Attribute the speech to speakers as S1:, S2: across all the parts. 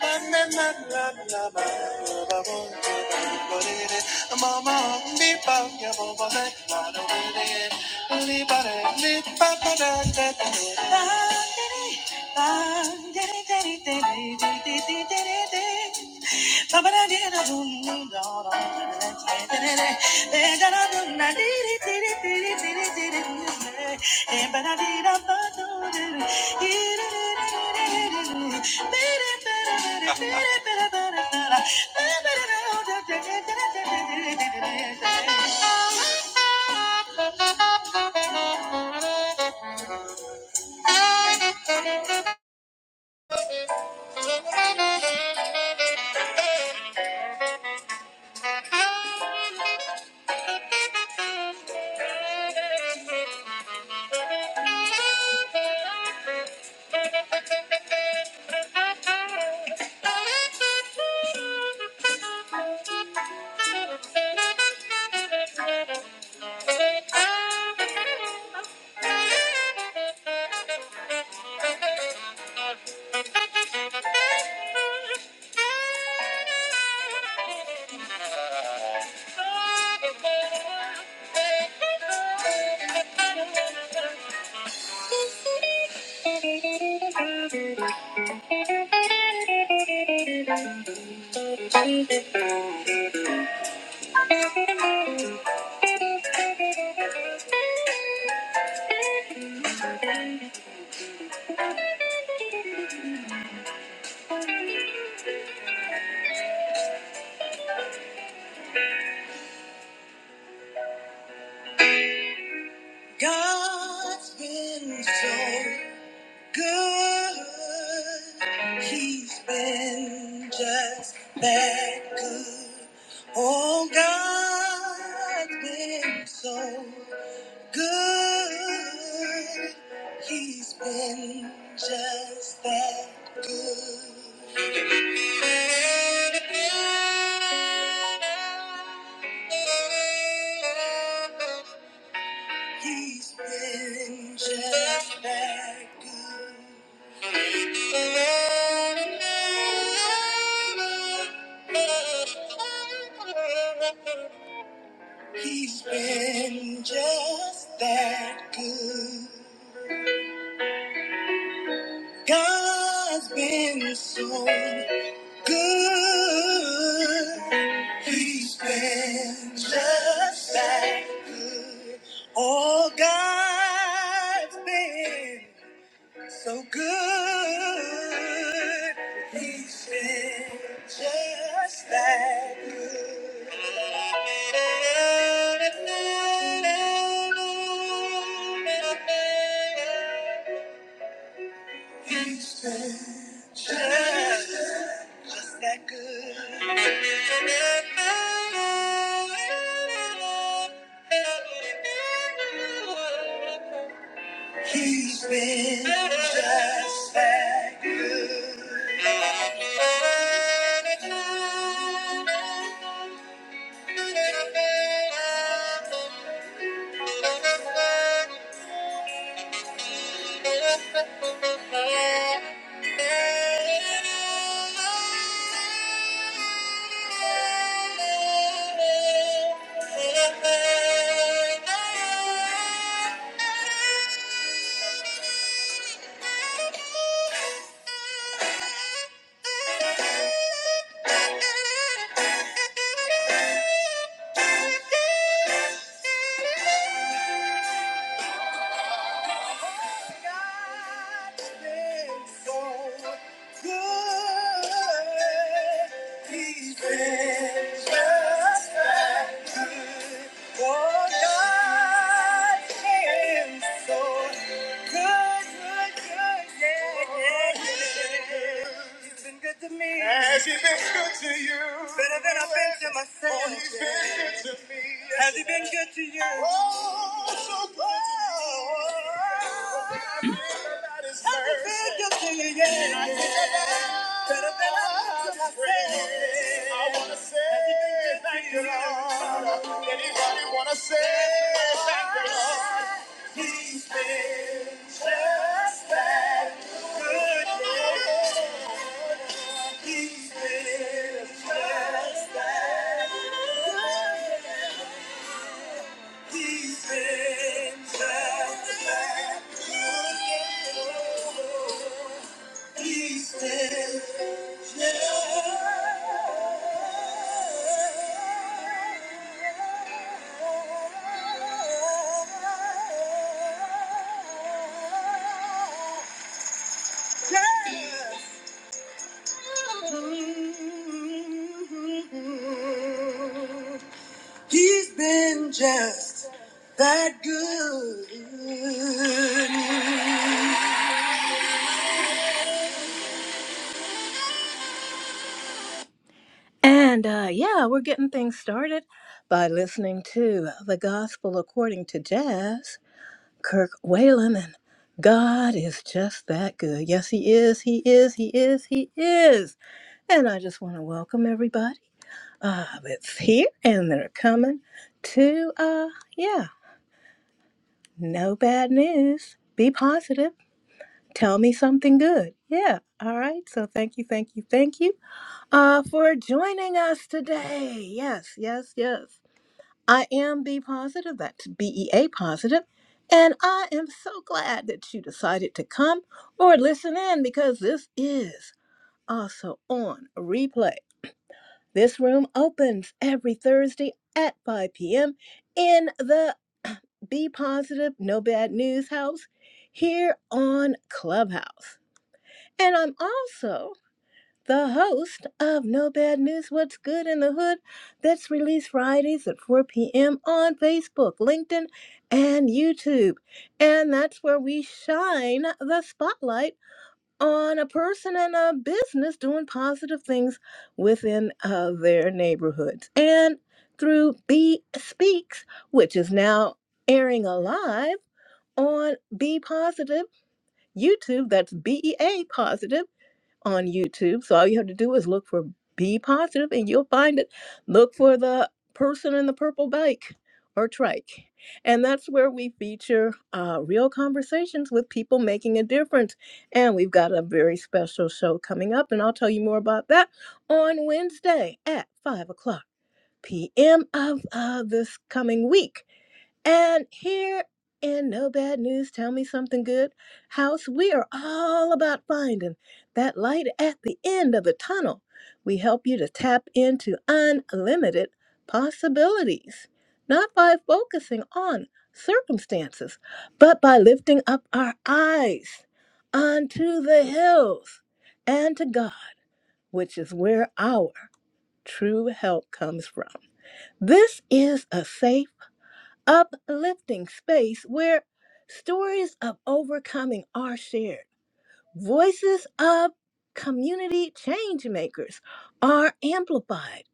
S1: Ba-da-dee-da-ba-doo-doo-doo. Thank you. Thank you. God's been so good. He's been just that good. Oh, God's been so good. He's been just that good. He's been just that good. He's been just that good. God's been so good. He's been just that. Oh, God's been so good. Just that. He's been just fine. Thank you. Better than I've been to myself. Has he been good to you? Say thank you, Lord. Good, yeah. He's been just, that. he's been just. that. He's been He's been just that good. Listening to jazz, Kirk Whalen, and God is just that good. Yes, He is, He is, He is, He is. And I just want to welcome everybody. uh, that's here and they're coming to uh yeah no bad news be positive tell me something good yeah all right so thank you thank you thank you uh for joining us today yes yes yes i am be positive that's bea positive positive. and i am so glad that you decided to come or listen in because this is also on replay This room opens every Thursday at 5 p.m. in the Be Positive No Bad News House here on Clubhouse. And I'm also the host of No Bad News What's Good in the Hood that's released Fridays at 4 p.m. on Facebook, LinkedIn, and YouTube. And that's where we shine the spotlight on a person and a business doing positive things within uh, their neighborhoods. And through Be Speaks, which is now airing alive on Be Positive YouTube, that's B E A Positive, on YouTube. So all you have to do is look for Be Positive and you'll find it. Look for the person in the purple bike or trike. And that's where we feature uh, real conversations with people making a difference. And we've got a very special show coming up, and I'll tell you more about that on Wednesday at 5 o'clock p.m. of uh, this coming week. And here in No Bad News, Tell Me Something Good House, we are all about finding that light at the end of the tunnel. We help you to tap into unlimited possibilities, not by focusing on circumstances, but by lifting up our eyes unto the hills and to God, which is where our true help comes from. This is a safe uplifting space where stories of overcoming are shared. Voices of community change makers are amplified,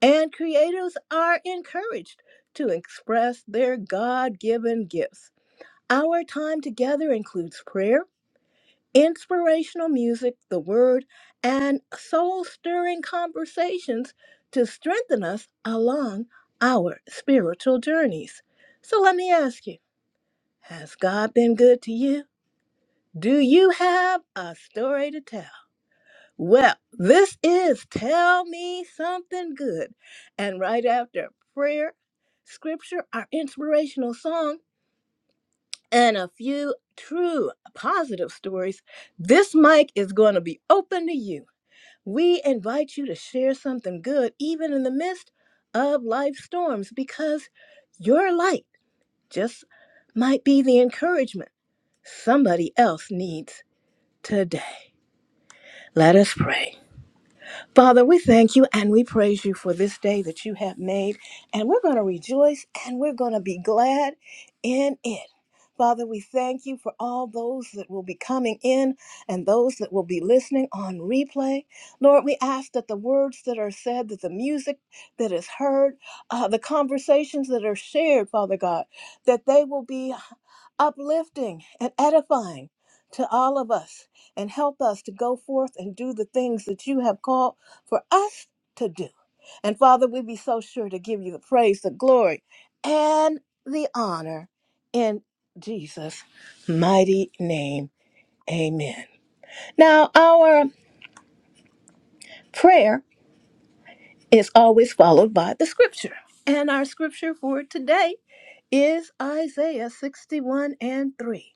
S1: and creators are encouraged to express their God given gifts. Our time together includes prayer, inspirational music, the word, and soul stirring conversations to strengthen us along our spiritual journeys. So let me ask you. Has God been good to you? Do you have a story to tell? Well, this is Tell Me Something Good. And right after prayer, scripture, our inspirational song, and a few true positive stories, this mic is going to be open to you. We invite you to share something good, even in the midst of life storms, because your light just might be the encouragement somebody else needs. today. Let us pray. Father, we thank you and we praise you for this day that you have made. And we're going to rejoice and we're going to be glad in it. Father, we thank you for all those that will be coming in and those that will be listening on replay. Lord, we ask that the words that are said, that the music that is heard, uh, the conversations that are shared, Father God, that they will be uplifting and edifying to all of us and help us to go forth and do the things that you have called for us to do. And Father, we be so sure to give you the praise, the glory, and the honor in Jesus' mighty name. Amen. Now, our prayer is always followed by the scripture. And our scripture for today is Isaiah 61 and 3.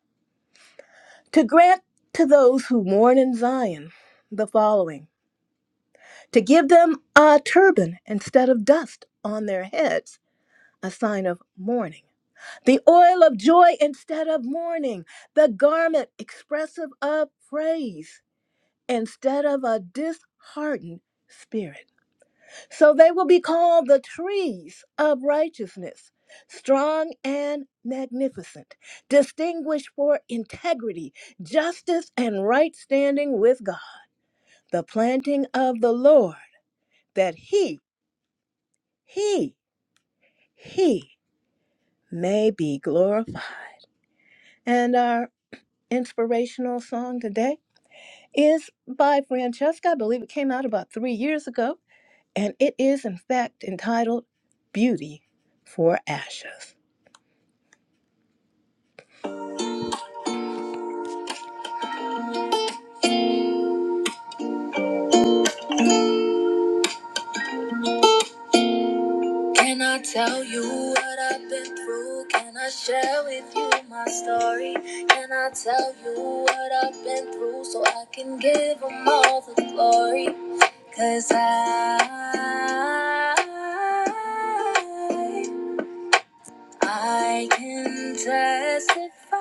S1: To grant to those who mourn in Zion the following to give them a turban instead of dust on their heads a sign of mourning. The oil of joy instead of mourning. The garment expressive of praise instead of a disheartened spirit. So they will be called the trees of righteousness, strong and magnificent, distinguished for integrity, justice, and right standing with God. The planting of the Lord, that he, he, he may be glorified. And our inspirational song today is by Francesca. I believe it came out about three years ago, and it is, in fact, entitled Beauty for Ashes. Can I tell you what I've been through? Can I share with you my story? Can I tell you what I've been through so I can give them all the glory? Cause I I can testify.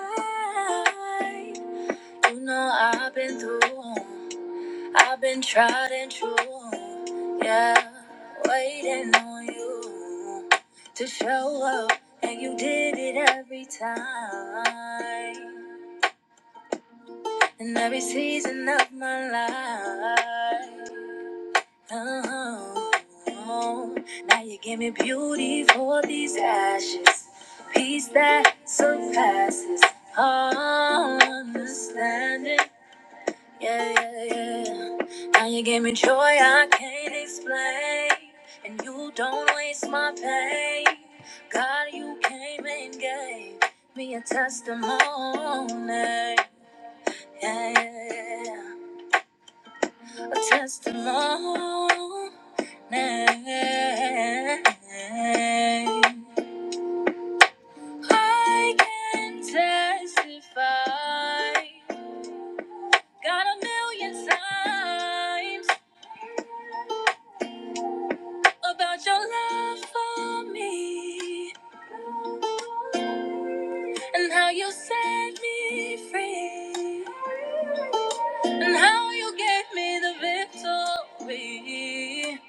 S1: You know I've been through. I've been tried and true. Yeah, waiting on you to show up, and you did it every time. In every season of my life. Oh, oh, now you give me beauty for these ashes, peace that surpasses all understanding. Yeah, yeah, yeah. Now you give me joy I can't explain, and you don't waste my pain. God, you came and gave me a testimony. Yeah, yeah, yeah. A testimony name. I can testify, got a million times about your love for me and how you set me free and how you gave me the victory.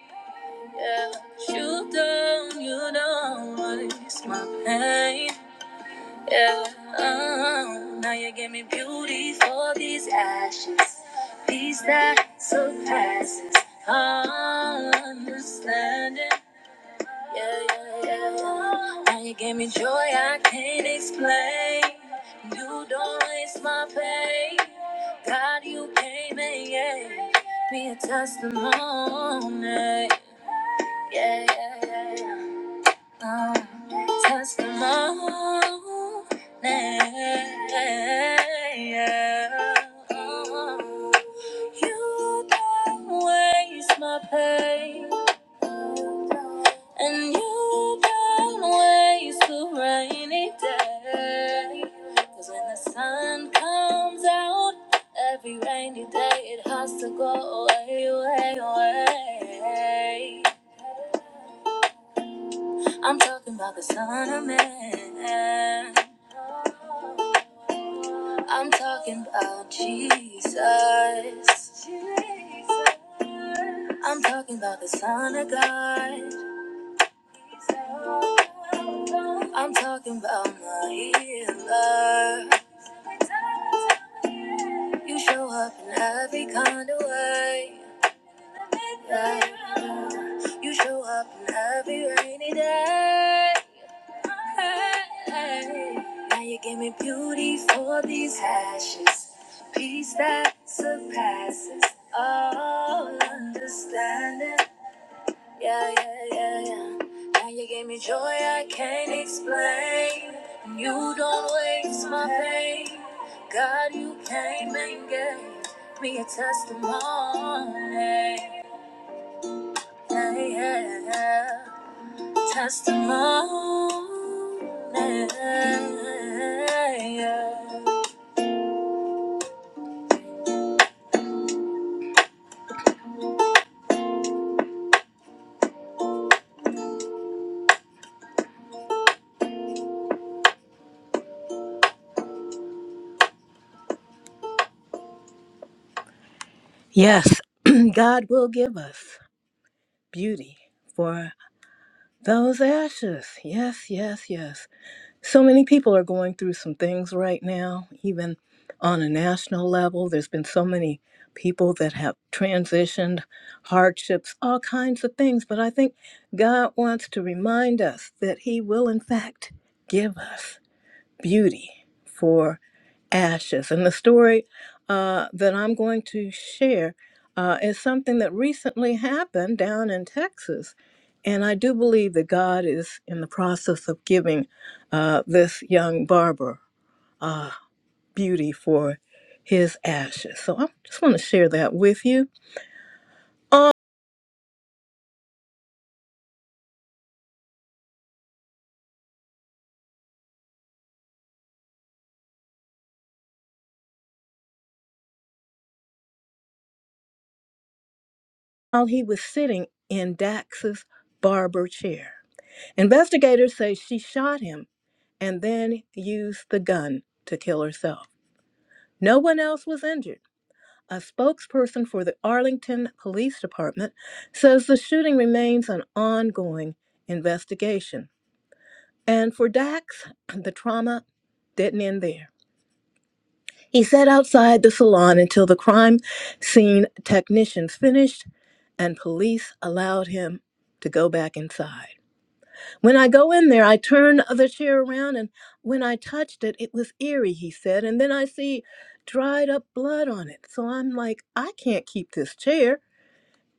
S1: Yeah, you don't, you don't waste my pain. Yeah, uh, now you give me beauty for these ashes, peace that surpasses understanding. Yeah, yeah, yeah. Now you give me joy I can't explain. You don't waste my pain. God, you came and gave me a testimony. Yeah, yeah, yeah. yeah. Uh, touch the moon. You don't waste my pain, and you don't waste a rainy day. 'Cause when the sun comes out, every rainy day it has to go away, away, away. I'm talking about the Son of Man. I'm talking about Jesus. I'm talking about the Son of God. I'm talking about my healer. You show up in every kind of way. Yeah. You show up in every rainy day. Now you give me beauty for these ashes, peace that surpasses all understanding. Yeah, yeah, yeah, yeah. Now you give me joy I can't explain. And You don't waste my pain. God, you came and gave me a testimony. Yeah, yeah, yeah testimony. Yes, God will give us beauty for those ashes. Yes, yes, yes. So many people are going through some things right now, even on a national level. There's been so many people that have transitioned, hardships, all kinds of things. But I think God wants to remind us that He will, in fact, give us. beauty for ashes. And the story uh, that I'm going to share uh, is something that recently happened down in Texas. And I do believe that God is in the process of giving uh, this young barber uh, beauty for his ashes. So I just want to share that with you. While he was sitting in Dax's barber chair, investigators say she shot him and then used the gun to kill herself. No one else was injured. A spokesperson for the Arlington Police Department says the shooting remains an ongoing investigation. And for Dax, the trauma didn't end there. He sat outside the salon until the crime scene technicians finished and police allowed him to go back inside. When I go in there, I turn the chair around, and when I touched it, it was eerie, he said. And then I see dried up blood on it. So I'm like, I can't keep this chair.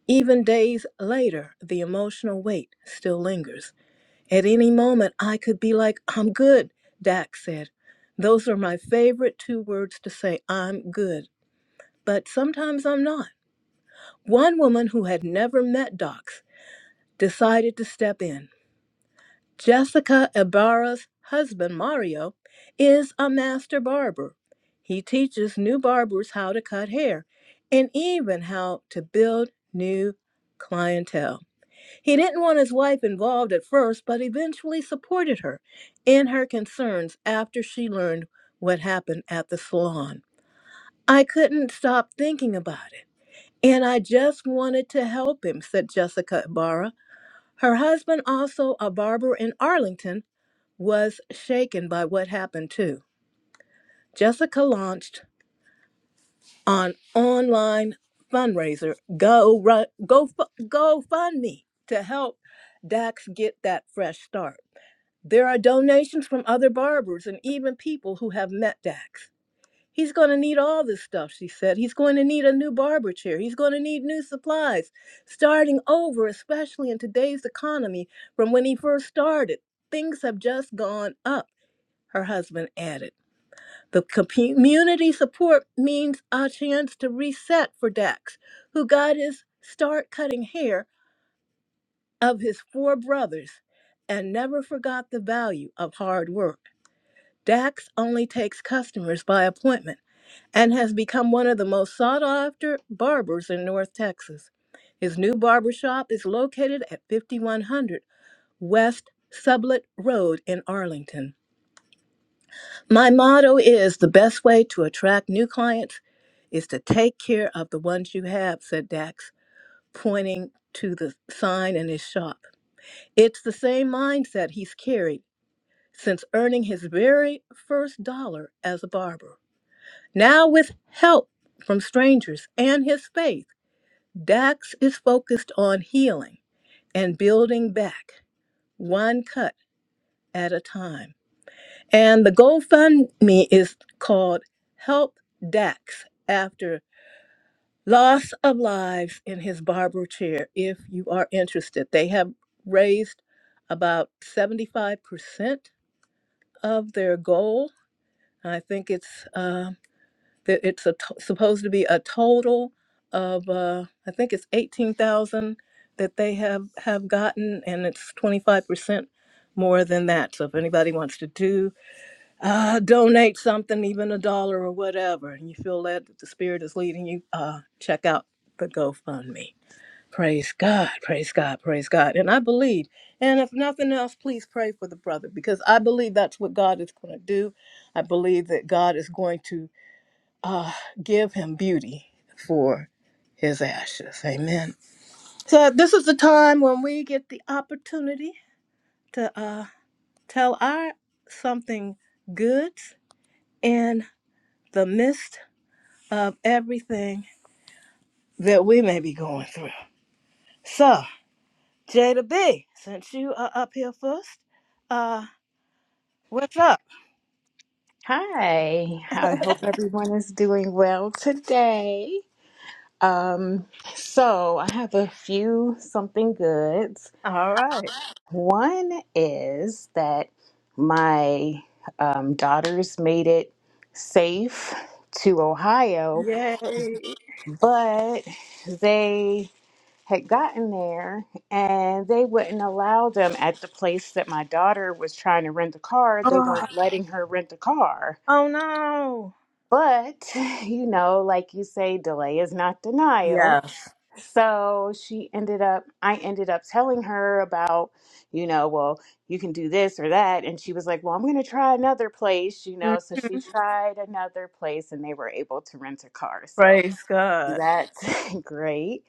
S1: Even days later, the emotional weight still lingers. At any moment, I could be like, I'm good, Dak said. Those are my favorite two words to say, I'm good. But sometimes I'm not. One woman who had never met Docs decided to step in. Jessica Ibarra's husband, Mario, is a master barber. He teaches new barbers how to cut hair and even how to build new clientele. He didn't want his wife involved at first, but eventually supported her in her concerns after she learned what happened at the salon. I couldn't stop thinking about it, and I just wanted to help him, said Jessica Ibarra. Her husband, also a barber in Arlington, was shaken by what happened too. Jessica launched an online fundraiser, Go Run, Go Fu- GoFundMe, to help Dax get that fresh start. There are donations from other barbers and even people who have met Dax. He's going to need all this stuff, she said. He's going to need a new barber chair. He's going to need new supplies. Starting over, especially in today's economy, from when he first started, things have just gone up, her husband added. The community support means a chance to reset for Dax, who got his start cutting hair of his four brothers and never forgot the value of hard work. Dax only takes customers by appointment and has become one of the most sought after barbers in North Texas. His new barbershop is located at 5100 West Sublet Road in Arlington. My motto is the best way to attract new clients is to take care of the ones you have, said Dax, pointing to the sign in his shop. It's the same mindset he's carried since earning his very first dollar as a barber. Now, with help from strangers and his faith, Dax is focused on healing and building back one cut at a time. And the GoFundMe is called Help Dax After Loss of Lives in His Barber Chair, if you are interested. They have raised about 75% of their goal. I think it's uh, that it's a t- supposed to be a total of uh, I think it's 18,000 that they have have gotten and it's 25% more than that. So if anybody wants to do uh, donate something, even a dollar or whatever, and you feel that the Spirit is leading you, uh, check out the GoFundMe. Praise God, praise God, praise God. And I believe, and if nothing else, please pray for the brother because I believe that's what God is going to do. I believe that God is going to uh, give him beauty for his ashes. Amen. So, this is the time when we get the opportunity to uh, tell our something good and. the midst of everything that we may be going through. So, Jada B, since you are up here first, uh, what's up?
S2: Hi, I hope everyone is doing well today. Um, so I have a few something goods.
S1: All right.
S2: One is that my um, daughters made it safe to Ohio,
S1: Yay.
S2: but they had gotten there and they wouldn't allow them at the place that my daughter was trying to rent a car. They
S1: Oh,
S2: weren't letting her rent a car.
S1: oh no.
S2: But, you know, like you say, delay is not denial.
S1: Yes.
S2: So she ended up, I ended up telling her about, you know, well, you can do this or that. And she was like, well, I'm going to try another place, you know. So she tried another place and they were able to rent a car. So
S1: Praise God.
S2: that's great.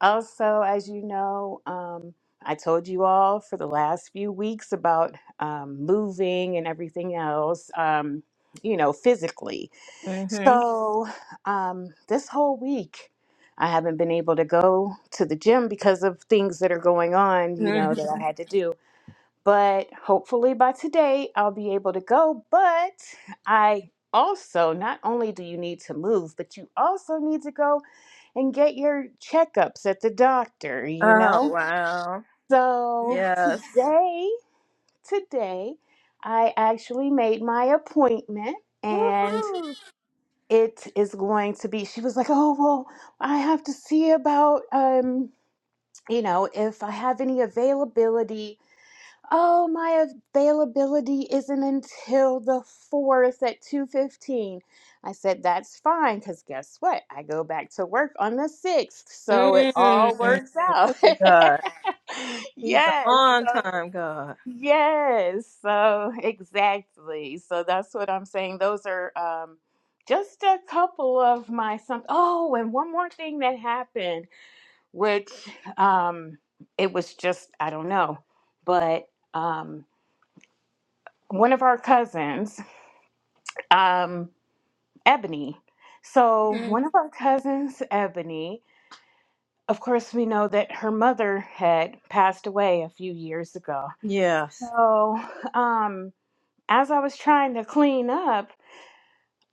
S2: Also, as you know, um, I told you all for the last few weeks about um, moving and everything else, um, you know, physically.
S1: Mm-hmm.
S2: So, um, this whole week, I haven't been able to go to the gym because of things that are going on, you know,
S1: Mm-hmm.
S2: that I had to do. But hopefully by today, I'll be able to go. But I also, not only do you need to move, but you also need to go and get your checkups at the doctor, you know? So, today, today, I actually made my appointment. and it is going to be she was like oh well i have to see about um you know if i have any availability oh my availability isn't until the 4th at 2.15 i said that's fine because guess what i go back to work on the 6th so it all
S1: Mm.
S2: works out
S1: Look at God. He's an
S2: yes
S1: on
S2: so
S1: time God.
S2: Yes, so exactly. So that's what I'm saying. Those are um, just a couple of my some. Oh, and one more thing that happened, which um, it was just I don't know, but um, one of our cousins, um, Ebony. So one of our cousins, Ebony. Of course, we know that her mother had passed away a few years ago.
S1: Yes.
S2: So um, as I was trying to clean up.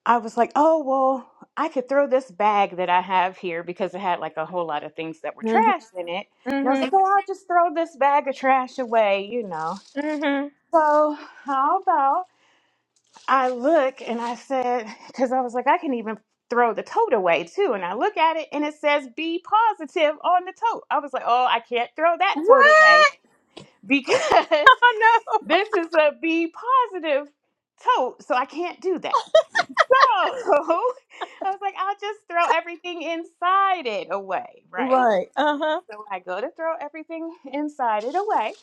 S2: I was like, oh, well, I could throw this bag that I have here because it had like a whole lot of things that were
S1: Mm-hmm.
S2: trash in it. And I was like, oh,
S1: Mm-hmm.
S2: I'll just throw this bag of trash away, you know.
S1: Mm-hmm.
S2: So, how about I look and I said, because I was like, I can even throw the tote away too. And I look at it and it says be positive on the tote. I was like, oh, I can't throw that
S1: What?
S2: tote away because
S1: Oh
S2: this is a be positive tote. So, I can't do that. So I was like, I'll just throw everything inside it away,
S1: no.
S2: right?
S1: Right. Uh-huh.
S2: So I go to throw everything inside it away,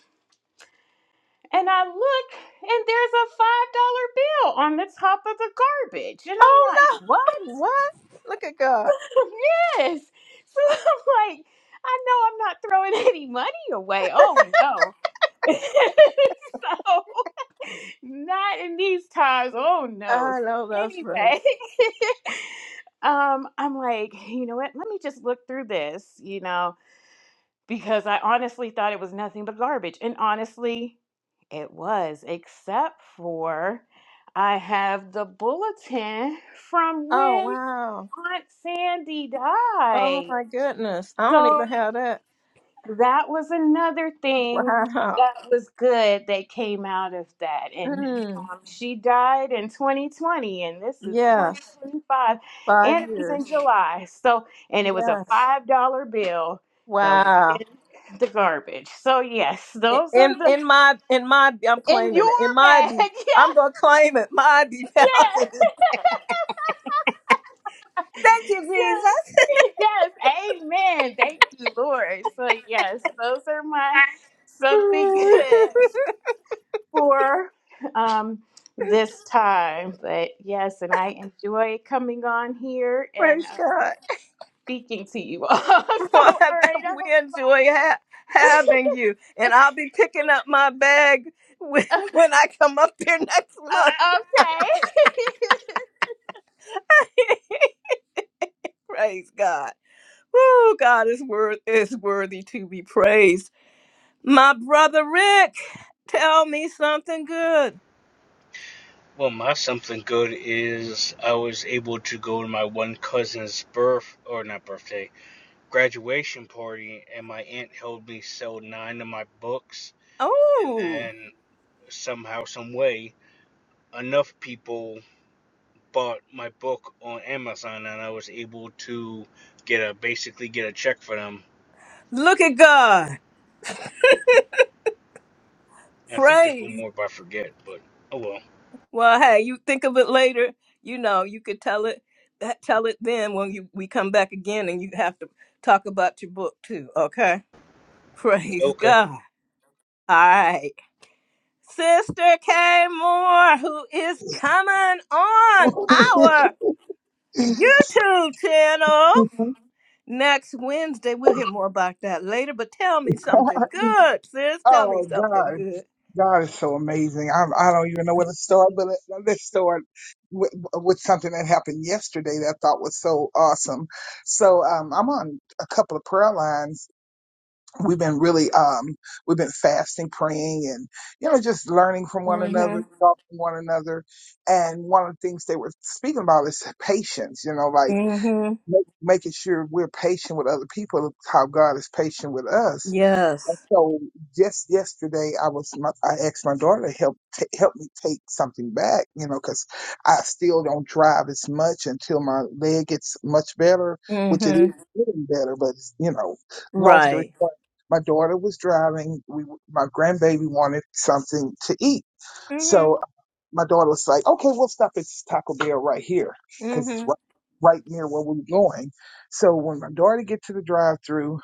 S2: and I look, and there's a five dollar bill on the top of the garbage, and
S1: Oh
S2: I'm like, what?
S1: no. What? Look at God.
S2: yes. So I'm like, I know I'm not throwing any money away. Oh no. so Not in these times. Oh no.
S1: I
S2: So
S1: know that's right.
S2: anyway, um, I'm like, you know what? Let me just look through this, you know, because I honestly thought it was nothing but garbage. And honestly, it was, except for I have the bulletin from
S1: Oh
S2: when
S1: wow.
S2: Aunt Sandy
S1: Oh
S2: died.
S1: my goodness. I don't
S2: So
S1: even have that.
S2: that was another thing
S1: Wow.
S2: that was good that came out of that. And
S1: Mm.
S2: um, she died in 2020, and this is
S1: Yes.
S2: 2025,
S1: Five
S2: and it was in
S1: years.
S2: July. So, and it was a
S1: Yes.
S2: $5 bill that was
S1: Wow.
S2: in the garbage. So, yes,
S1: I-
S2: those are
S1: In
S2: the
S1: in my in my I'm
S2: in
S1: claiming it. In
S2: your
S1: my
S2: bag.
S1: be I'm gonna claim it. My be Thank
S2: Yes, yes,
S1: you, Jesus.
S2: yes, yes. Amen. Thank you, Lord. So, yes, those are my something good. for um, this time. But yes, and I enjoy coming on here and
S1: Praise
S2: um,
S1: God.
S2: speaking to you all. so,
S1: Well,
S2: all right. I
S1: we enjoy ha- having you, and I'll be picking up my bag when
S2: hope-
S1: when I come up here next
S2: Uh,
S1: month.
S2: uh, okay.
S1: Praise God. Woo, God is worth is worthy to be praised. My brother Rick, tell me something good.
S3: Well, my something good is I was able to go to my one cousin's birth or not birthday graduation party, and my aunt helped me sell nine of my books, and
S1: Oh,
S3: then somehow, some way, enough people bought my book on Amazon, and I was able to get a basically get a check for them.
S1: look at God.
S3: And I think there's one
S1: Praise.
S3: more, if I forget. But oh well.
S1: Well, hey, you think of it later. You know, you could tell it that- tell it then when you we come back again and you have to talk about your book too, okay? Praise
S3: Okay.
S1: God. All right. Sister K Moore, who is coming on our YouTube channel. Next Wednesday, we'll hear more about that later, but tell me something good, sis. Tell me
S4: oh
S1: something
S4: God,
S1: good.
S4: God is so amazing. I'm, I don't even know where to start, but let- let's start with, with something that happened yesterday that I thought was so awesome. So um, I'm on a couple of prayer lines. We've been really um, we've been fasting, praying, and you know just learning from one
S1: Mm-hmm.
S4: another, talking to one another. And one of the things they were speaking about is patience. You know, like
S1: Mm-hmm.
S4: make, making sure we're patient with other people, how God is patient with us And
S1: Yes.
S4: so just yesterday, I was my, I asked my daughter to help t- help me take something back, you know, because I still don't drive as much until my leg gets much better, which it is
S1: Mm-hmm.
S4: getting better. But it's, you know, long story
S1: Right.
S4: short, my daughter was driving. We w- my grandbaby wanted something to eat, so
S1: Mm-hmm.
S4: my daughter was like, "Okay, we'll stop at this Taco Bell right here because it's
S1: Mm-hmm.
S4: right, right near where we we're going." So when my daughter get to the drive-through,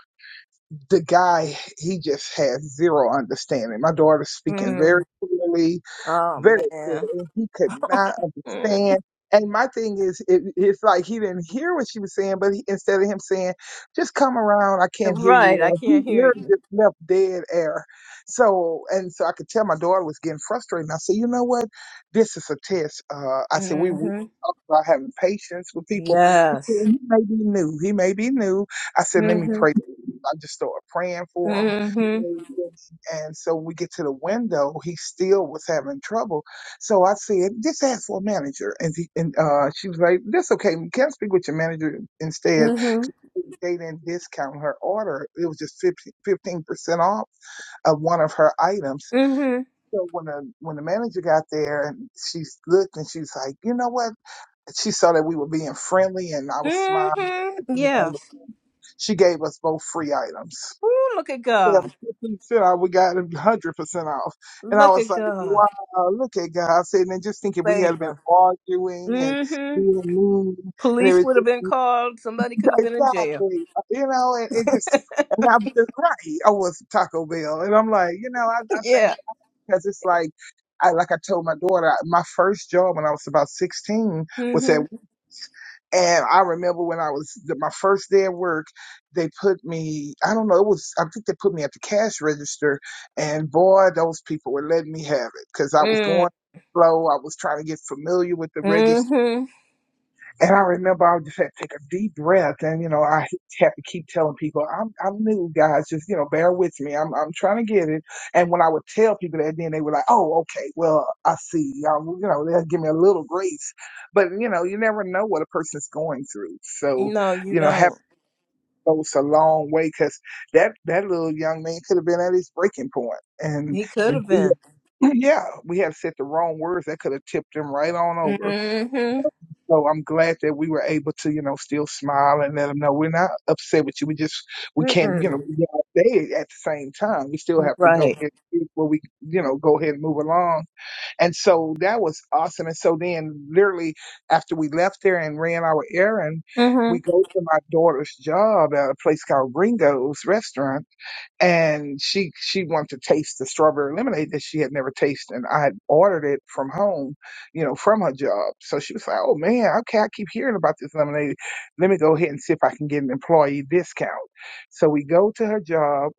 S4: the guy, he just has zero understanding. My daughter's speaking
S1: Mm.
S4: very clearly
S1: Oh,
S4: very clear
S1: man.
S4: he could not
S1: Mm.
S4: understand and my thing is it, it's like he didn't hear what she was saying but he, instead of him saying just come around i can't hear you
S1: Right. I
S4: All he
S1: can't hear
S4: literally
S1: you.
S4: just left dead air so and so i could tell my daughter was getting frustrated and i said you know what this is a test uh, i said we, we
S1: Mhm.
S4: talk about having patience with people I said,
S1: Yes.
S4: he may be new he may be new i said let me
S1: Mhm.
S4: pray i just started praying for
S1: Mhm.
S4: him and so when we get to the window, he still was having trouble. So I said, just ask for a manager. And, he, and uh, she was like, that's okay. You can speak with your manager instead.
S1: Mhm.
S4: They didn't discount her order. It was just 15% off of one of her items.
S1: Mhm.
S4: So when the, when the manager got there and she looked and she was like, you know what? She saw that we were being friendly and I was smiling.
S1: Mhm. Yes.
S4: She gave us both free items.
S1: Ooh, look at
S4: Yeah,
S1: God.
S4: 50 percent off. We got a 100% off. And I
S1: Look
S4: was
S1: at
S4: like,
S1: God.
S4: wow, look at God. Sitting And just thinking we had been
S1: Favor.
S4: arguing and
S1: Mhm.
S4: being mean and
S1: Police would
S4: everything.
S1: have been called. Somebody could have been in jail.
S4: Exactly. You know, and it just, and I was just right. I was Taco Bell. And I'm like, you know, I, I think
S1: Yeah.
S4: because it's like, I, like I told my daughter, I- my first job when I was about 16 was at.
S1: Mhm.
S4: And I remember when I was my first day at work, they put me, I don't know, it was, I think they put me at the cash register. And boy, those people were letting me have it because I was
S1: Mm.
S4: going slow. I was trying to get familiar with the register
S1: Mhm.
S4: and I remember I just had to take a deep breath, and you know I had to keep telling people, "I'm I'm new, guys. Just you know, bear with me. I'm I'm trying to get it." And when I would tell people that, then they were like, "Oh, okay. Well, I see. Um, well, you know, they'll give me a little grace." But you know, you never know what a person's going through. So,
S1: No, you
S4: you know, having
S1: don't.
S4: goes a long way because that that little young man could have been at his breaking point, and,
S1: He could
S4: and
S1: have
S4: we-
S1: been.
S4: yeah, we had said the wrong words that could have tipped him right on over.
S1: Mhm.
S4: So I'm glad that we were able to, you know, still smile and let them know we're not upset with you. We just we can't, you
S1: Mm.
S4: know, be all day at the same time. We still have to go
S1: Right.
S4: ahead and where we, you know, go ahead and move along. And so that was awesome. And so then, literally after we left there and ran our errand,
S1: Mhm.
S4: we go to my daughter's job at a place called Ringo's Restaurant and she she wanted to taste the strawberry lemonade that she had never tasted and i had ordered it from home you know from her job so she was like oh man okay i keep hearing about this lemonade let me go ahead and see if i can get an employee discount so we go to her job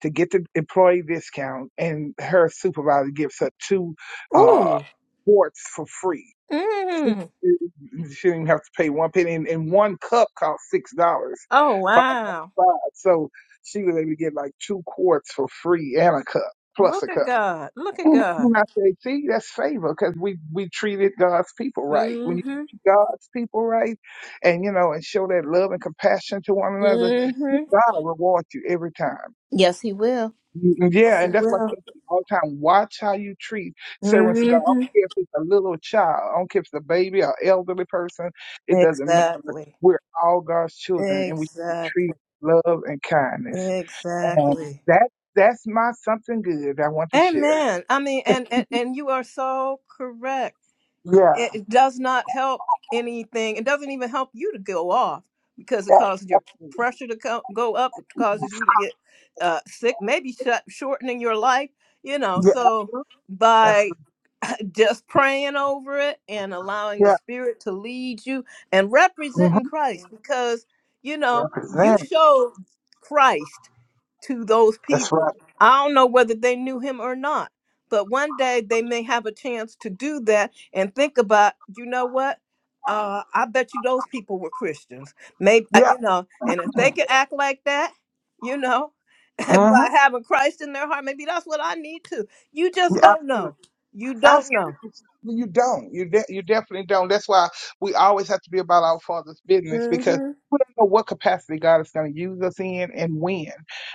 S4: to get the employee discount and her supervisor gives her two uh
S1: Ooh.
S4: quarts for free
S1: Mhm.
S4: she didn't even have to pay one penny and, and one cup cost six dollars
S1: Oh wow.
S4: five. So she was able to get like two quarts for free and a cup plus
S1: Look
S4: a
S1: at
S4: cup.
S1: God. Look at God.
S4: And I said, see, that's favor because we, we treated God's people right. When you
S1: Mhm.
S4: treat God's people right and, you know, and show that love and compassion to one another,
S1: Mhm.
S4: God rewards you every time.
S1: Yes, he will.
S4: Mm, Yeah,
S1: Yes, He
S4: and that's why I
S1: will.
S4: tell you all the time, watch how you treat servants of God. I
S1: Mhm.
S4: don't care if it's a little child, I don't care if it's a baby or elderly person, it doesn't matter.
S1: Exactly.
S4: We're all God's children and we should be
S1: Exactly.
S4: treated with love and kindness. And
S1: Exactly.
S4: that that's my something good I want to share.
S1: Amen. I mean, and, and and you are so correct
S4: Yeah,
S1: it does not help anything. It doesn't even help you to go off because it
S4: yeah,
S1: causes your p- pressure to co- go up. It causes you to get uh, sick, maybe shut, shortening your life. You know,
S4: yeah,
S1: so
S4: absolutely,
S1: by
S4: absolutely.
S1: just praying over it and allowing the
S4: yeah.
S1: Spirit to lead you and representing
S4: Mm-hmm.
S1: Christ, because you know you
S4: Represent.
S1: showed Christ to those
S4: That's
S1: people.
S4: right.
S1: I don't know whether they knew him or not, but one day they may have a chance to do that and think about, you know what? Uh, I bet you those people were Christians. Maybe, uh,
S4: Yeah.
S1: you know, and if they can act like that, you know, by
S4: Mm-hmm.
S1: having Christ in their heart, maybe that's what I need to. You just don't
S4: Yeah.
S1: know. You don't know.
S4: Absolutely, Well, you don't. You de- you definitely don't. That's why we always have to be about our Father's business because
S1: hmm
S4: we don't know what capacity God is going to use us in and when.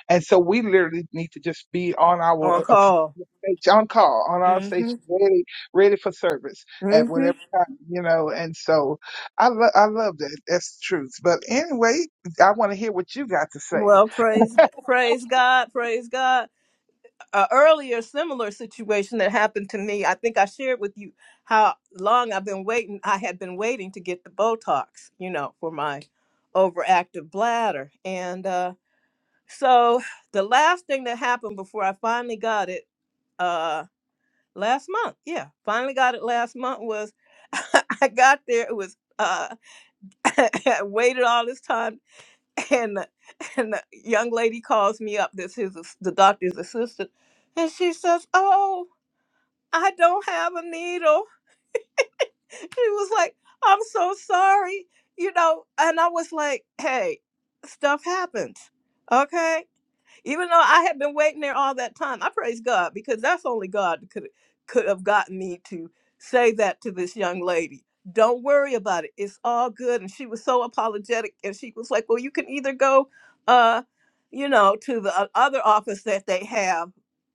S4: And so we literally need to just be on our uh,
S1: On
S4: uh,
S1: call.
S4: stage, on call, on our
S1: hmm
S4: station, ready, ready for service at
S1: hmm
S4: whatever time, you know. And so I lo- I love that. That's the truth. But anyway, I want to hear what you got to say.
S1: Well, praise, G- praise God, praise God. a earlier similar situation that happened to me. I think I shared with you how long I've been waiting. I had been waiting to get the Botox, you know, for my overactive bladder. And uh, so the last thing that happened before I finally got it uh, last month, yeah, finally got it last month was I got there. It was uh, I waited all this time, and the- and the young lady calls me up. This is the doctor's assistant, and she says, "Oh." I don't have a needle. She was like, I'm so sorry, you know. And I was like, hey, stuff happens, okay? Even though I had been waiting there all that time, I praise God because that's only God that could could have gotten me to say that to this young lady. Don't worry about it. It's all good. And she was so apologetic, and she was like, "Well, you can either go, uh, you know, to the o- other office that they have."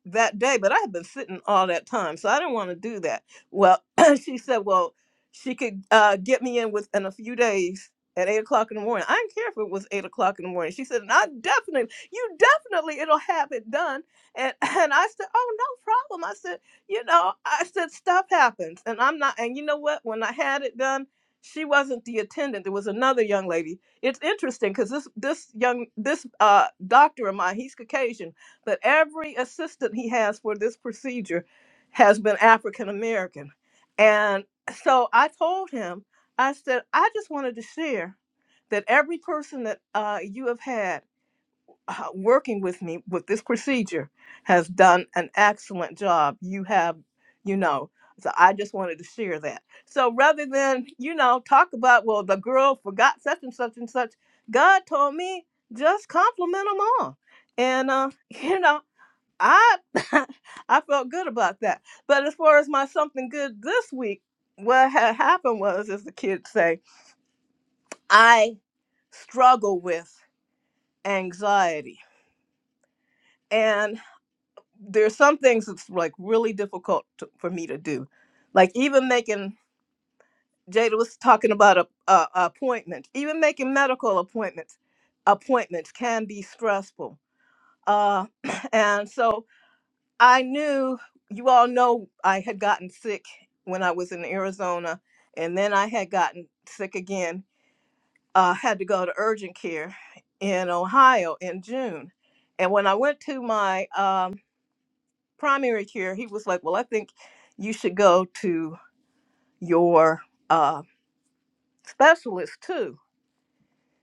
S1: that day but i had been sitting all that time so i didn't want to do that well she said well she could uh, get me in within a few days at eight o'clock in the morning. I didn't care if it was eight o'clock in the morning. She said, and I definitely you definitely it'll have it done. And and I said, oh no problem. I said, you know, I said stuff happens, and I'm not. And you know what? When I had it done, she wasn't the attendant. There was another young lady. It's interesting because this this young this uh doctor of mine, he's Caucasian, but every assistant he has for this procedure has been African American, and so I told him. I said, I just wanted to share that every person that uh, you have had uh, working with me with this procedure has done an excellent job. You have, you know, so I just wanted to share that. So rather than, you know, talk about, well, the girl forgot such and such and such, God told me just compliment them all. And, uh, you know, I I felt good about that. But as far as my something good this week, what had happened was, as the kids say, I struggle with anxiety. And there's some things that's like really difficult to, for me to do like even making jada was talking about a, a, a appointment even making medical appointments appointments can be stressful uh and so i knew you all know i had gotten sick when i was in arizona and then i had gotten sick again uh had to go to urgent care in ohio in june and when i went to my um primary care, he was like, Well, I think you should go to your uh, specialist too.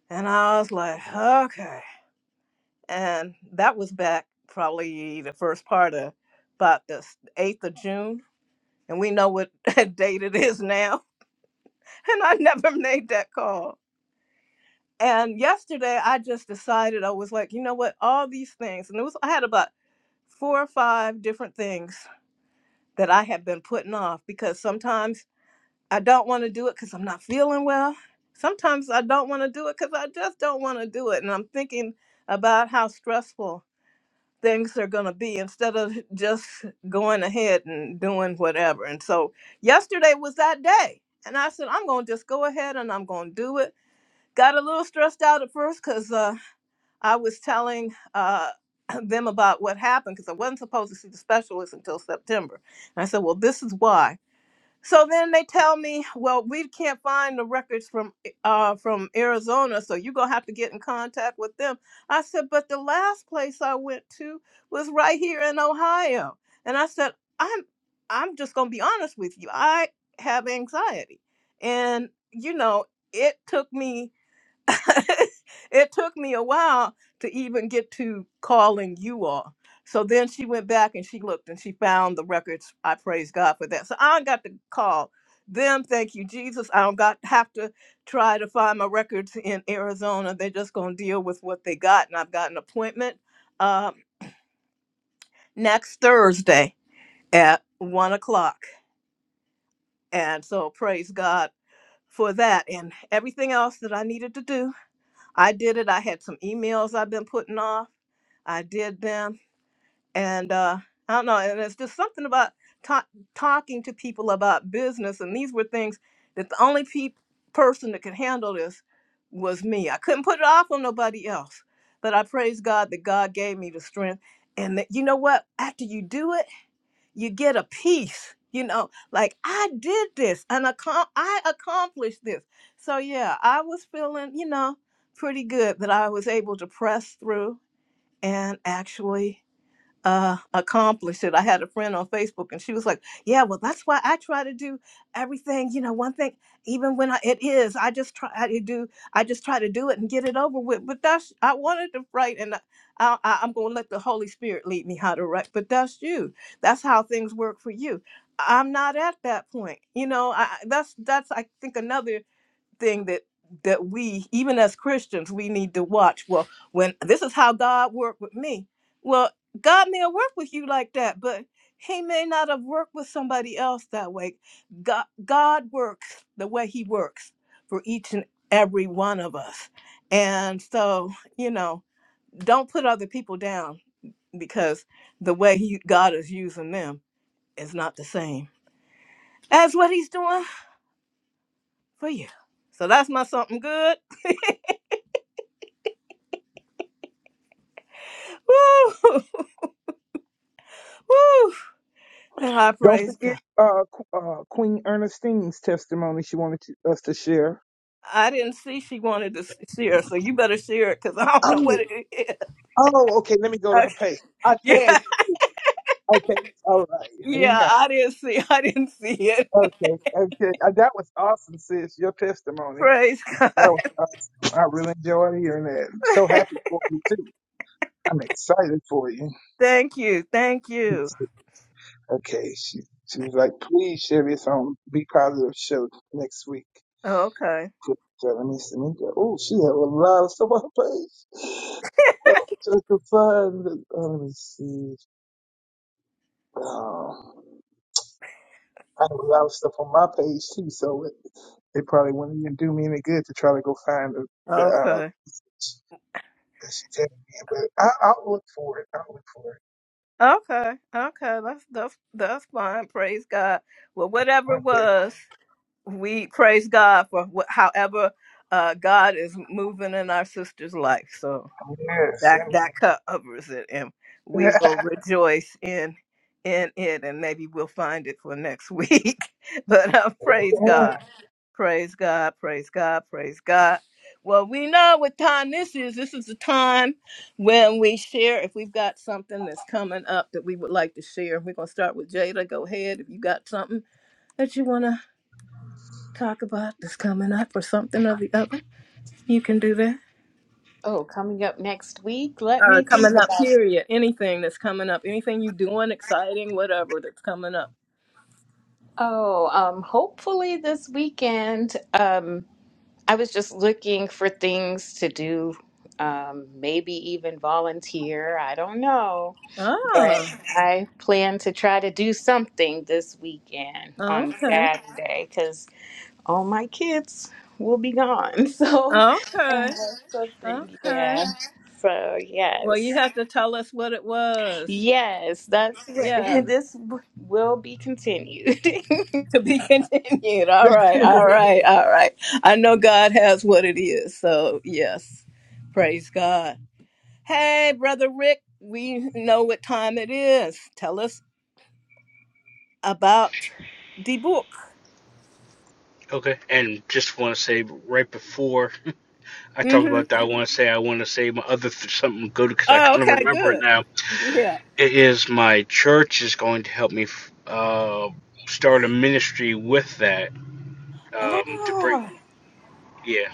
S1: And I was like, Okay. And that was back probably the first part of about the 8th of June. And we know what date it is now. And I never made that call. And yesterday I just decided I was like, you know what, all these things, and it was I had about four or five different things that I have been putting off because sometimes I don't want to do it because I'm not feeling well. Sometimes I don't want to do it because I just don't want to do it. And I'm thinking about how stressful things are going to be instead of just going ahead and doing whatever. And so yesterday was that day. And I said, I'm going to just go ahead and I'm going to do it. Got a little stressed out at first because uh, I was telling uh, them about what happened because I wasn't supposed to see the specialist until September. And I said, Well, this is why. So then they tell me, well, we can't find the records from uh, from Arizona, so you're gonna have to get in contact with them. I said, but the last place I went to was right here in Ohio, and I said, I'm I'm just gonna be honest with you, I have anxiety, and you know, it took me it took me a while to even get to calling you all. So then she went back and she looked and she found the records. I praise God for that. So I don't got to call them. Thank you, Jesus. I don't got have to try to find my records in Arizona. They're just gonna deal with what they got, and I've got an appointment um, next Thursday at one o'clock. And so praise God for that and everything else that I needed to do. I did it. I had some emails I've been putting off. I did them, and uh, I don't know. And it's just something about ta- talking to people about business, and these were things that the only pe- person that could handle this was me. I couldn't put it off on nobody else, but I praise God that God gave me the strength, and that you know what? After you do it, you get a peace. You know, like I did this, and accom- I accomplished this. So yeah, I was feeling, you know, pretty good that I was able to press through and actually uh accomplish it. I had a friend on Facebook and she was like, "Yeah, well that's why I try to do everything, you know, one thing even when I, it is, I just try to do I just try to do it and get it over with." But that's I wanted to write and I, I I- I'm going to let the Holy Spirit lead me how to write, but that's you. That's how things work for you. I'm not at that point. You know, I I- that's that's I think another thing that that we even as christians we need to watch well when this is how god worked with me well god may have worked with you like that but he may not have worked with somebody else that way god, god works the way he works for each and every one of us and so you know don't put other people down because the way he god is using them is not the same as what he's doing for you so that's my something good Woo! Woo! And I
S4: Don't
S1: praise
S4: forget
S1: God.
S4: uh, Qu- uh, Queen Ernestine's testimony. She wanted to, us to share.
S1: I didn't see she wanted to see her, so you better share it because I don't know what it is.
S4: Oh, okay. Let me go to her
S1: Okay.
S4: page. I
S1: Yeah,
S4: tagged you. Okay. All right. Hang
S1: yeah, I didn't see. I didn't see it.
S4: on. Okay. Okay. Uh, That was awesome, sis. Your testimony.
S1: Praise God.
S4: That was awesome. I really enjoyed hearing that. so happy for you, too. I'm excited for you.
S1: thank you. Thank you.
S4: Okay. She, she was like, please share this on Be Positive Show next week.
S1: Okay.
S4: So let me see. Oh, she had a lot of stuff on her page. Oh, just the fun. Oh, let me see. Oh. I had a lot of stuff on my page too, so it, it probably wouldn't even do me any good to try to go find the, the uh,
S1: Okay.
S4: that she tagged me in. But I, I'll look for it. I'll look for it
S1: Okay. Okay. That's that's that's fine. Praise God. Well, whatever
S4: one
S1: it
S4: day.
S1: was, we praise God for wh- however uh, God is moving in our sister's life. So.
S4: Yes,
S1: that that covers it and we
S4: amen.
S1: will rejoice in in it and maybe we'll find it for next week but uh, praise
S4: amen.
S1: god praise god praise god praise god well we know what time this is this is the time when we share if we've got something that's coming up that we would like to share we're going to start with jada go ahead if you got something that you want to talk about that's coming up or something or the other you can do that
S2: oh, coming up next week, let
S1: or
S2: me think
S1: coming up
S2: about.
S1: period anything that's coming up anything you doing exciting whatever that's coming up
S2: Oh, um, hopefully this weekend. Um, I was just looking for things to do, um, maybe even volunteer. I don't know. but
S1: oh
S2: I plan to try to do something this weekend on
S1: okay
S2: Saturday because all my kids will be gone. So uh,
S1: okay
S2: something,
S1: okay
S2: yeah. So
S1: well you
S2: yes,
S1: have to tell us what it was
S2: yes, that's what
S1: yeah
S2: this w- will be continued.
S1: to be continued all right all right all right i know god has what it is so yes praise god hey brother rick we know what time it is tell us about the book
S3: Okay. And just want to say right before I talk
S1: mm-hmm
S3: about that. I want to say I want to say my other th- something good because I
S1: oh
S3: kind of
S1: okay
S3: remember it
S1: good
S3: now. It is my church is going to help me f- uh, start a ministry with that
S1: Oh,
S3: um, to bring yeah,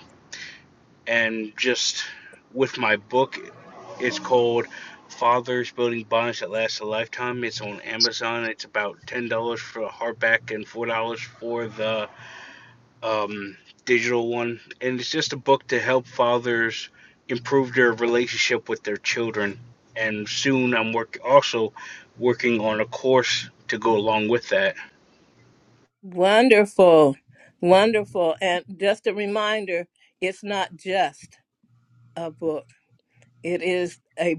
S3: and just with my book, it's called Fathers Building Bonds That Last a Lifetime. It's on Amazon. It's about ten dollars for a hardback and four dollars for the um, digital one, and it's just a book to help fathers improve their relationship with their children. And soon, I'm work also working on a course to go along with that
S1: wonderful. Wonderful. And just a reminder, it's not a book. It is a,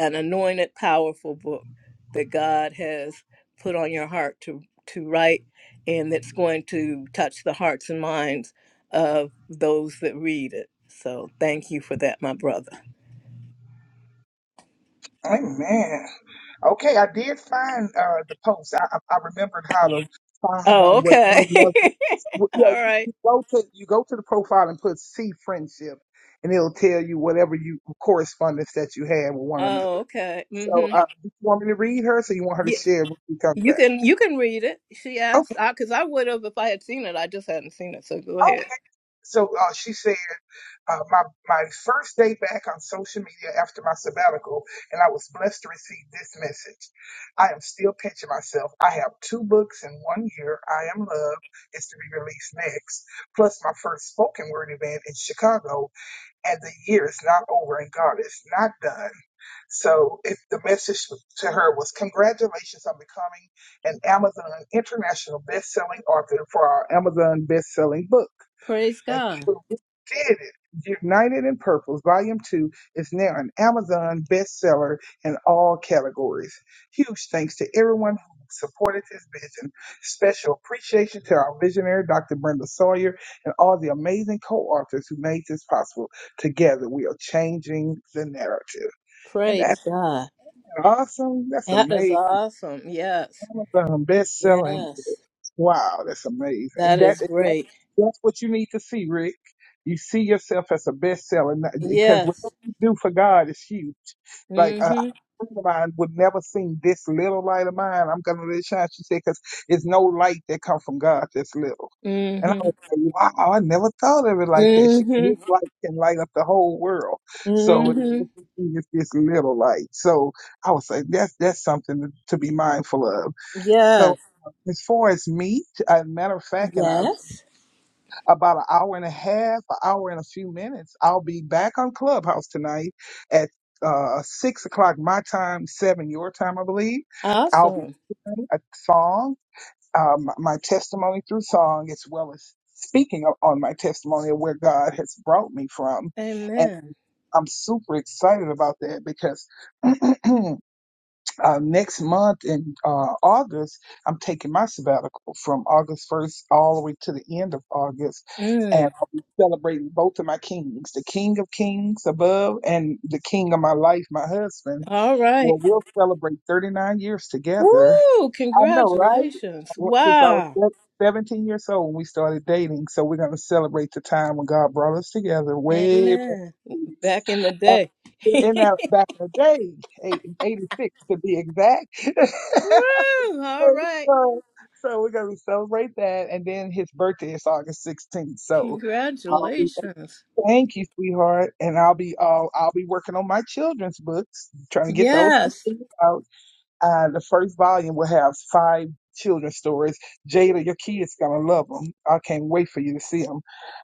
S1: an anointed, powerful book that God has put on your heart to, to write and that's going to touch the hearts and minds of those that read it. So thank you for that, my brother.
S4: Amen. Okay, I did find uh, the post. I, I I remembered how to find
S1: Oh,
S4: out what one
S1: okay.
S4: love. what- Yeah,
S1: All
S4: you,
S1: right.
S4: you go to you go to the profile and put "see friendship, and it'll tell you whatever you correspondence that you had with one another.
S1: Oh, okay.
S4: So,
S1: Mm-hmm.
S4: uh, do you want me to read her? So you want her to
S1: Yeah,
S4: share when she comes
S1: you
S4: back?
S1: can you can read it. She asked
S4: Okay.
S1: because I, 'cause I would have if I had seen it. I just hadn't seen it. So go ahead.
S4: Okay. So uh, she said, uh, my my first day back on social media after my sabbatical, and I was blessed to receive this message. I am still pinching myself. I have two books in one year. I Am Love is to be released next, plus my first spoken word event in Chicago and the year is not over and God is not done. So if the message to her was congratulations on becoming an Amazon international best-selling author for our Amazon best-selling book. And so we did it. United in Purpose, Volume 2, is now an Amazon bestseller in all categories. Huge thanks to everyone who supported this vision. Special appreciation to our visionary, Dr. Brenda Sawyer, and all the amazing co authors who made this possible. Together, we are changing the narrative. And
S1: Praise
S4: that's
S1: God.
S4: awesome. That's
S1: That is
S4: amazing.
S1: awesome. Yes.
S4: Amazon best-selling.
S1: Yes.
S4: Wow, that's amazing. And
S1: That
S4: that,
S1: is
S4: and that
S1: great.
S4: that's what you need to see, Rick. You see yourself as a best-seller because
S1: Yes.
S4: whatever you do for God is huge. Like
S1: Mm
S4: a
S1: Mhm.
S4: a friend of mine would never seen this little light of mine. I'm gonna let it shine. She said, "Cause it's no light that comes from God that's little."
S1: Mm
S4: And I
S1: Mhm.
S4: was like, wow, I never thought of it like that. She,
S1: Mm
S4: his
S1: Mhm.
S4: light can light up the whole world. So
S1: Mm Mhm.
S4: it- it's this little light. So I was like, that's that's something to to be mindful of. So
S1: Yes.
S4: as far as meat, as a matter of fact, in a,
S1: Yes.
S4: about an hour and a half, an hour and a few minutes, I'll be back on Clubhouse tonight at uh, six o'clock my time, seven your time, I believe. I'll be
S1: Awesome.
S4: playing a song um, my testimony through song as well as speaking o- on my testimony of where God has brought me from. And
S1: Amen.
S4: I'm super excited about that because uh, next month in uh, August, I'm taking my sabbatical from August 1st all the way to the end of August. And
S1: Mm.
S4: I'll be celebrating both of my kings, the King of Kings above and the King of my life, my husband.
S1: All right.
S4: Well, we'll celebrate 39 years together.
S1: Woo!
S4: I know, right?
S1: Congratulations.
S4: Well, if I was
S1: Wow.
S4: se- 17 years old when we started dating, so we're going to celebrate the time when God brought us together way back
S1: Amen.
S4: in the eighties. back
S1: Today.
S4: in that back in the day, eight- 86 to be exact.
S1: Woo! All
S4: And
S1: right.
S4: so, so we're going to celebrate that. And then his birthday is August 16th. So I'll be,
S1: Congratulations.
S4: thank you, sweetheart. And I'll be, all I'll be working on my children's books, trying to get those
S1: Yes.
S4: completed. Uh, the first volume will have five children's stories. Jada, your kids gonna love them. I can't wait for you to see them.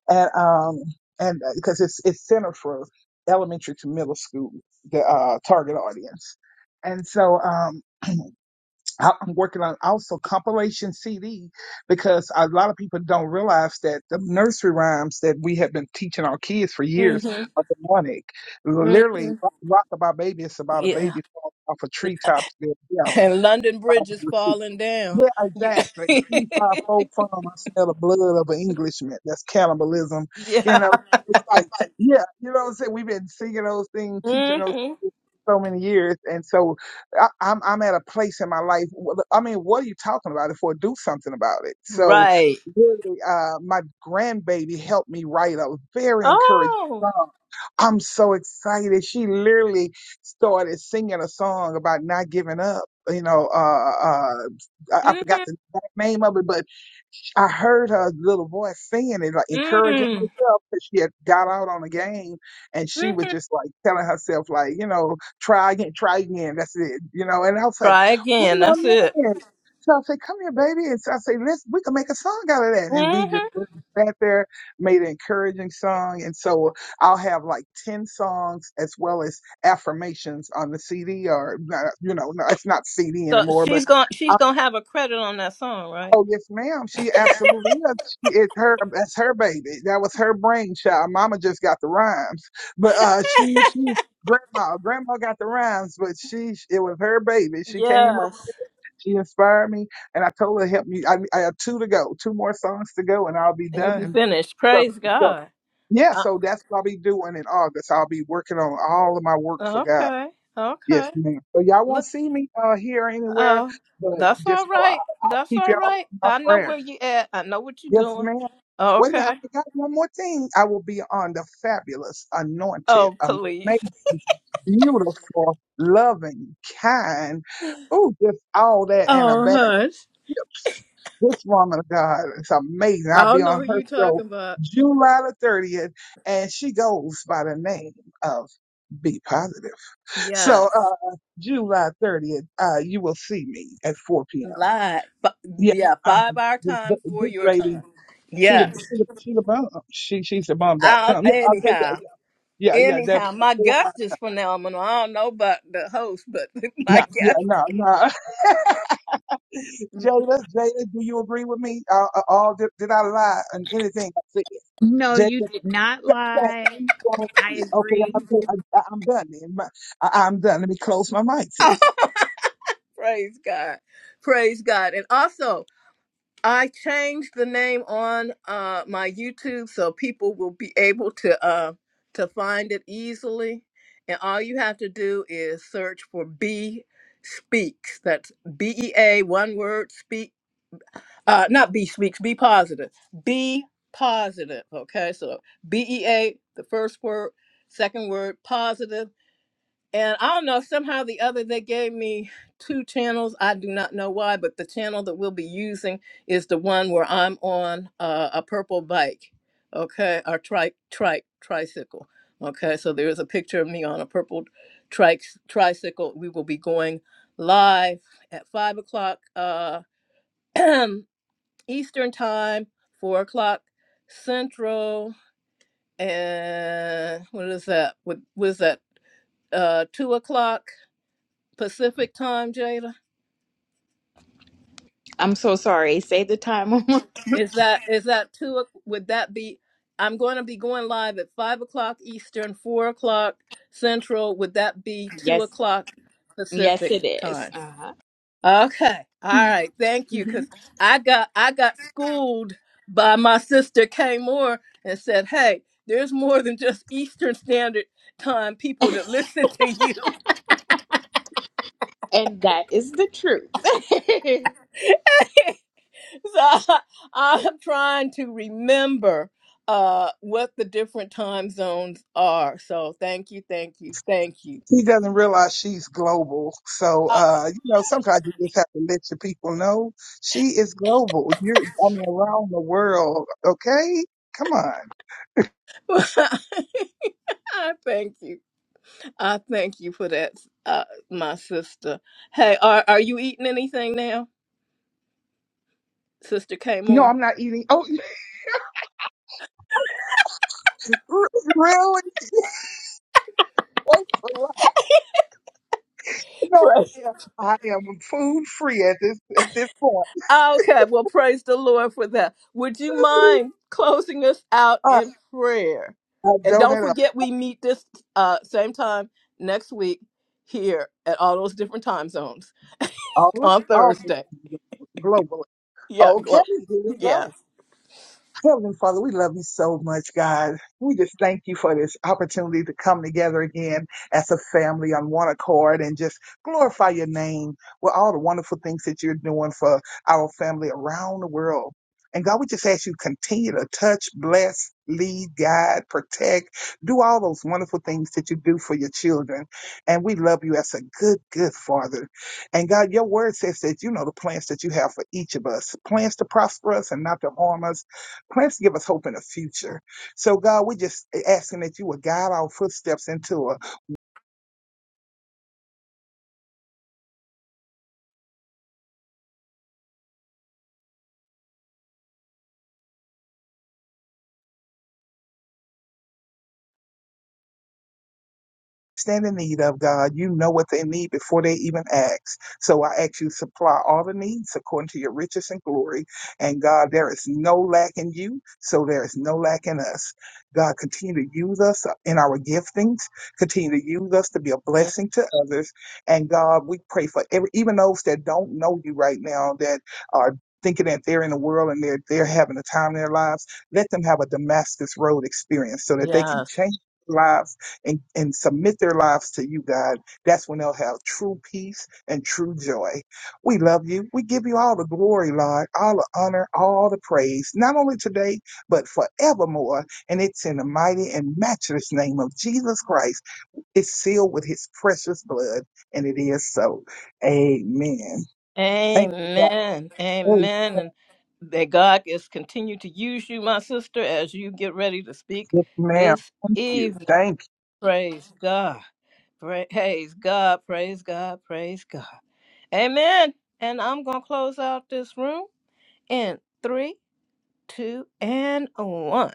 S4: And um, and because it's it's centered for elementary to middle school, the uh, target audience. And so um, I- I'm working on also compilation CD because a lot of people don't realize that the nursery rhymes that we have been teaching our kids for years are demonic. Literally, "Rock Rock About Baby" is about a baby falling off a treetop to their death
S1: And London Bridge is
S4: Father.
S1: falling down.
S4: Yeah, exactly. Feed five folk farm. I smell the blood of an Englishman. That's cannibalism. You
S1: Yeah.
S4: know, so it's like, yeah, you know what I'm saying? We've been singing those things, teaching those
S1: Mhm.
S4: things so many years. And so I, I'm, I'm at a place in my life. wh- I mean, what are you talking about it for? Do something about it. So
S1: Right.
S4: really, uh, my grandbaby helped me write a very encouraging
S1: Oh.
S4: song. I'm so excited. She literally started singing a song about not giving up you know, uh, uh, I, I forgot
S1: Mm-hmm.
S4: the exact name of it, but I heard her little voice saying it, like encouraging
S1: Mm.
S4: herself because she had got out on the game and she
S1: Mm.
S4: was just like telling herself, like, you know, try again, try again. That's it, you know. And I was like,
S1: Try
S4: what
S1: again.
S4: do
S1: That's it.
S4: I mean? So I said, come here, baby. And so I said, let's, we can make a song out of that. And we just
S1: hmm
S4: really sat there, made an encouraging song. And so I'll have like 10 songs as well as affirmations on the CD or, not- you know, no, it's not CD
S1: So
S4: anymore, but
S1: she's gonna she's gonna have a credit on that song, right?
S4: Oh yes, ma'am. She absolutely is. She, it's her. That's her baby. That was her brainchild. Mama just got the rhymes, but uh, she she grandma grandma got the rhymes, but she it was her baby. She came up.
S1: Yes.
S4: She inspired me, and I told her help me. I I have two to go, two more songs to go, and I'll be
S1: And you'll be
S4: done.
S1: finished.
S4: So
S1: Praise
S4: so
S1: God.
S4: yeah.
S1: Uh,
S4: So that's what I'll be doing in August. I'll be working on all of my work for God.
S1: okay.
S4: Yes,
S1: Okay.
S4: ma'am. So y'all won't
S1: Look.
S4: see me uh here or anywhere,
S1: Oh,
S4: but
S1: that's all
S4: just know I,
S1: right.
S4: I
S1: That's
S4: keep
S1: all
S4: y'all
S1: right.
S4: in my
S1: I know
S4: prayers.
S1: where you at. I know what you're
S4: Yes,
S1: doing.
S4: ma'am. Wait a minute, I
S1: Okay.
S4: forgot one more thing. I will be on the fabulous, anointed,
S1: Oh, please.
S4: amazing, beautiful, loving, kind. Oh, just all that and a
S1: Oh,
S4: bag.
S1: hush.
S4: Yes. This woman of God is amazing.
S1: I
S4: I'll be
S1: don't know
S4: on
S1: who
S4: her
S1: you
S4: show
S1: talking about.
S4: July the 30th, and she goes by the name of Be Positive. So,
S1: Yeah.
S4: uh, July 30th, uh, you will see me at 4 p.m.
S1: Live. But
S4: Yeah,
S1: yeah,
S4: uh,
S1: five our
S4: th-
S1: time
S4: th-
S1: for
S4: this
S1: your
S4: lady
S1: time.
S4: she the
S1: Yes.
S4: she the she the bomb. uh, She she's the bomb dot
S1: Um.
S4: com. Yeah, okay,
S1: Anyhow.
S4: yeah, yeah, yeah, yeah. That was
S1: Anyhow, my
S4: before my
S1: guest is phenomenal. I don't know about the host, but my
S4: yeah, yeah,
S1: guest,
S4: no, no. Jada, Jada, do you agree with me? Uh, uh, all did, did I lie on anything I said? yes.
S2: No, you
S4: Jada,
S2: did not
S4: thank,
S2: lie.
S4: thank
S2: I
S4: you. Okay,
S2: agree.
S4: I'm, I, I'm done. Then. My, I, I'm done. Let me close my mic. Then.
S1: oh, praise God, praise God. And also, I changed the name on uh, my YouTube so people will be able to uh, to find it easily. And all you have to do is search for B Speaks. That's B E A one word speak. uh not be speaks be positive be positive okay so bea the first word second word positive and it gave me two channels i do not know why but the channel that we'll be using is the one where i'm on uh, a purple bike okay or trike trike tricycle okay so there is a picture of me on a purple trike tricycle we will be going live at five o'clock uh Eastern time, four o'clock Central, and what is that? What was that? Uh, two o'clock Pacific time, Jada.
S2: I'm so sorry. Say the time. one more-
S1: Is that is that two? o- Would that be? I'm going to be going live at five o'clock Eastern, four o'clock Central. Would that be two
S2: yes,
S1: o'clock
S2: yes,
S1: Pacific
S2: it is.
S1: time?
S2: Uh huh.
S1: Okay. All right. Thank you. Cause I got I got schooled by my sister Kay Moore and said, Hey, there's more than just Eastern Standard Time people that listen to you.
S2: And that is the truth.
S1: so I, am trying to remember uh what the different time zones are. So thank you, thank you, thank you.
S4: She doesn't realize she's global, so
S1: Oh,
S4: uh, you know sometimes you just have to let your people know she is global. You're, I mean, around the world. Okay, come on.
S1: I thank you. I thank you for that, uh, my sister. Hey, are are you eating anything now, Sister Kay
S4: No,
S1: Moore?
S4: I'm not eating. Oh, really? That's a lot. No, I am I am food free at this at this point.
S1: Okay, well, praise the Lord for that. Would you mind closing us out
S4: I,
S1: in prayer?
S4: I
S1: And don't
S4: donate all
S1: forget, we meet this uh, same time next week here at all those different time zones
S4: All right,
S1: on
S4: all the
S1: Thursday.
S4: time globally.
S1: Yeah,
S4: Okay,
S1: glow.
S4: here we go.
S1: Yes.
S4: Heavenly Father, we love you so much, God. We just thank you for this opportunity to come together again as a family on one accord and just glorify your name with all the wonderful things that you're doing for our family around the world. And God, we just ask you continue to touch, bless, lead, guide, protect, do all those wonderful things that you do for your children. And we love you as a good, good father. And God, your word says that you know the plans that you have for each of us, plans to prosper us and not to harm us Plans to give us hope in the future. So, God, we're just asking that you would guide our footsteps into a stand in need of, God. You know what they need before they even ask. So I ask you to supply all the needs according to your riches and glory. And God, there is no lack in you, so there is no lack in us. God, continue to use us in our giftings. Continue to use us to be a
S1: Yes.
S4: blessing to others. And God, we pray for every, even those that don't know you right now, that are thinking that they're in the world and they're they're having a time in their lives. Let them have a Damascus Road experience so that they can
S1: Yes.
S4: change lives and, and submit their lives to you, God, that's when they'll have true peace and true joy. We love you. We give you all the glory, Lord, all the honor, all the praise, not only today, but forevermore. And it's in the mighty and matchless name of Jesus Christ. It's sealed with his precious blood, and it is so. Amen. Thank you, God.
S1: Amen.
S4: Hey,
S1: Amen. And that God is continue to use you, my sister, as you get ready to speak
S4: yes, ma'am.
S1: this
S4: Thank you.
S1: evening.
S4: Thank
S1: Praise God. Praise God. Praise God. Praise God. Amen. And I'm going to close out this room in three, two, and one.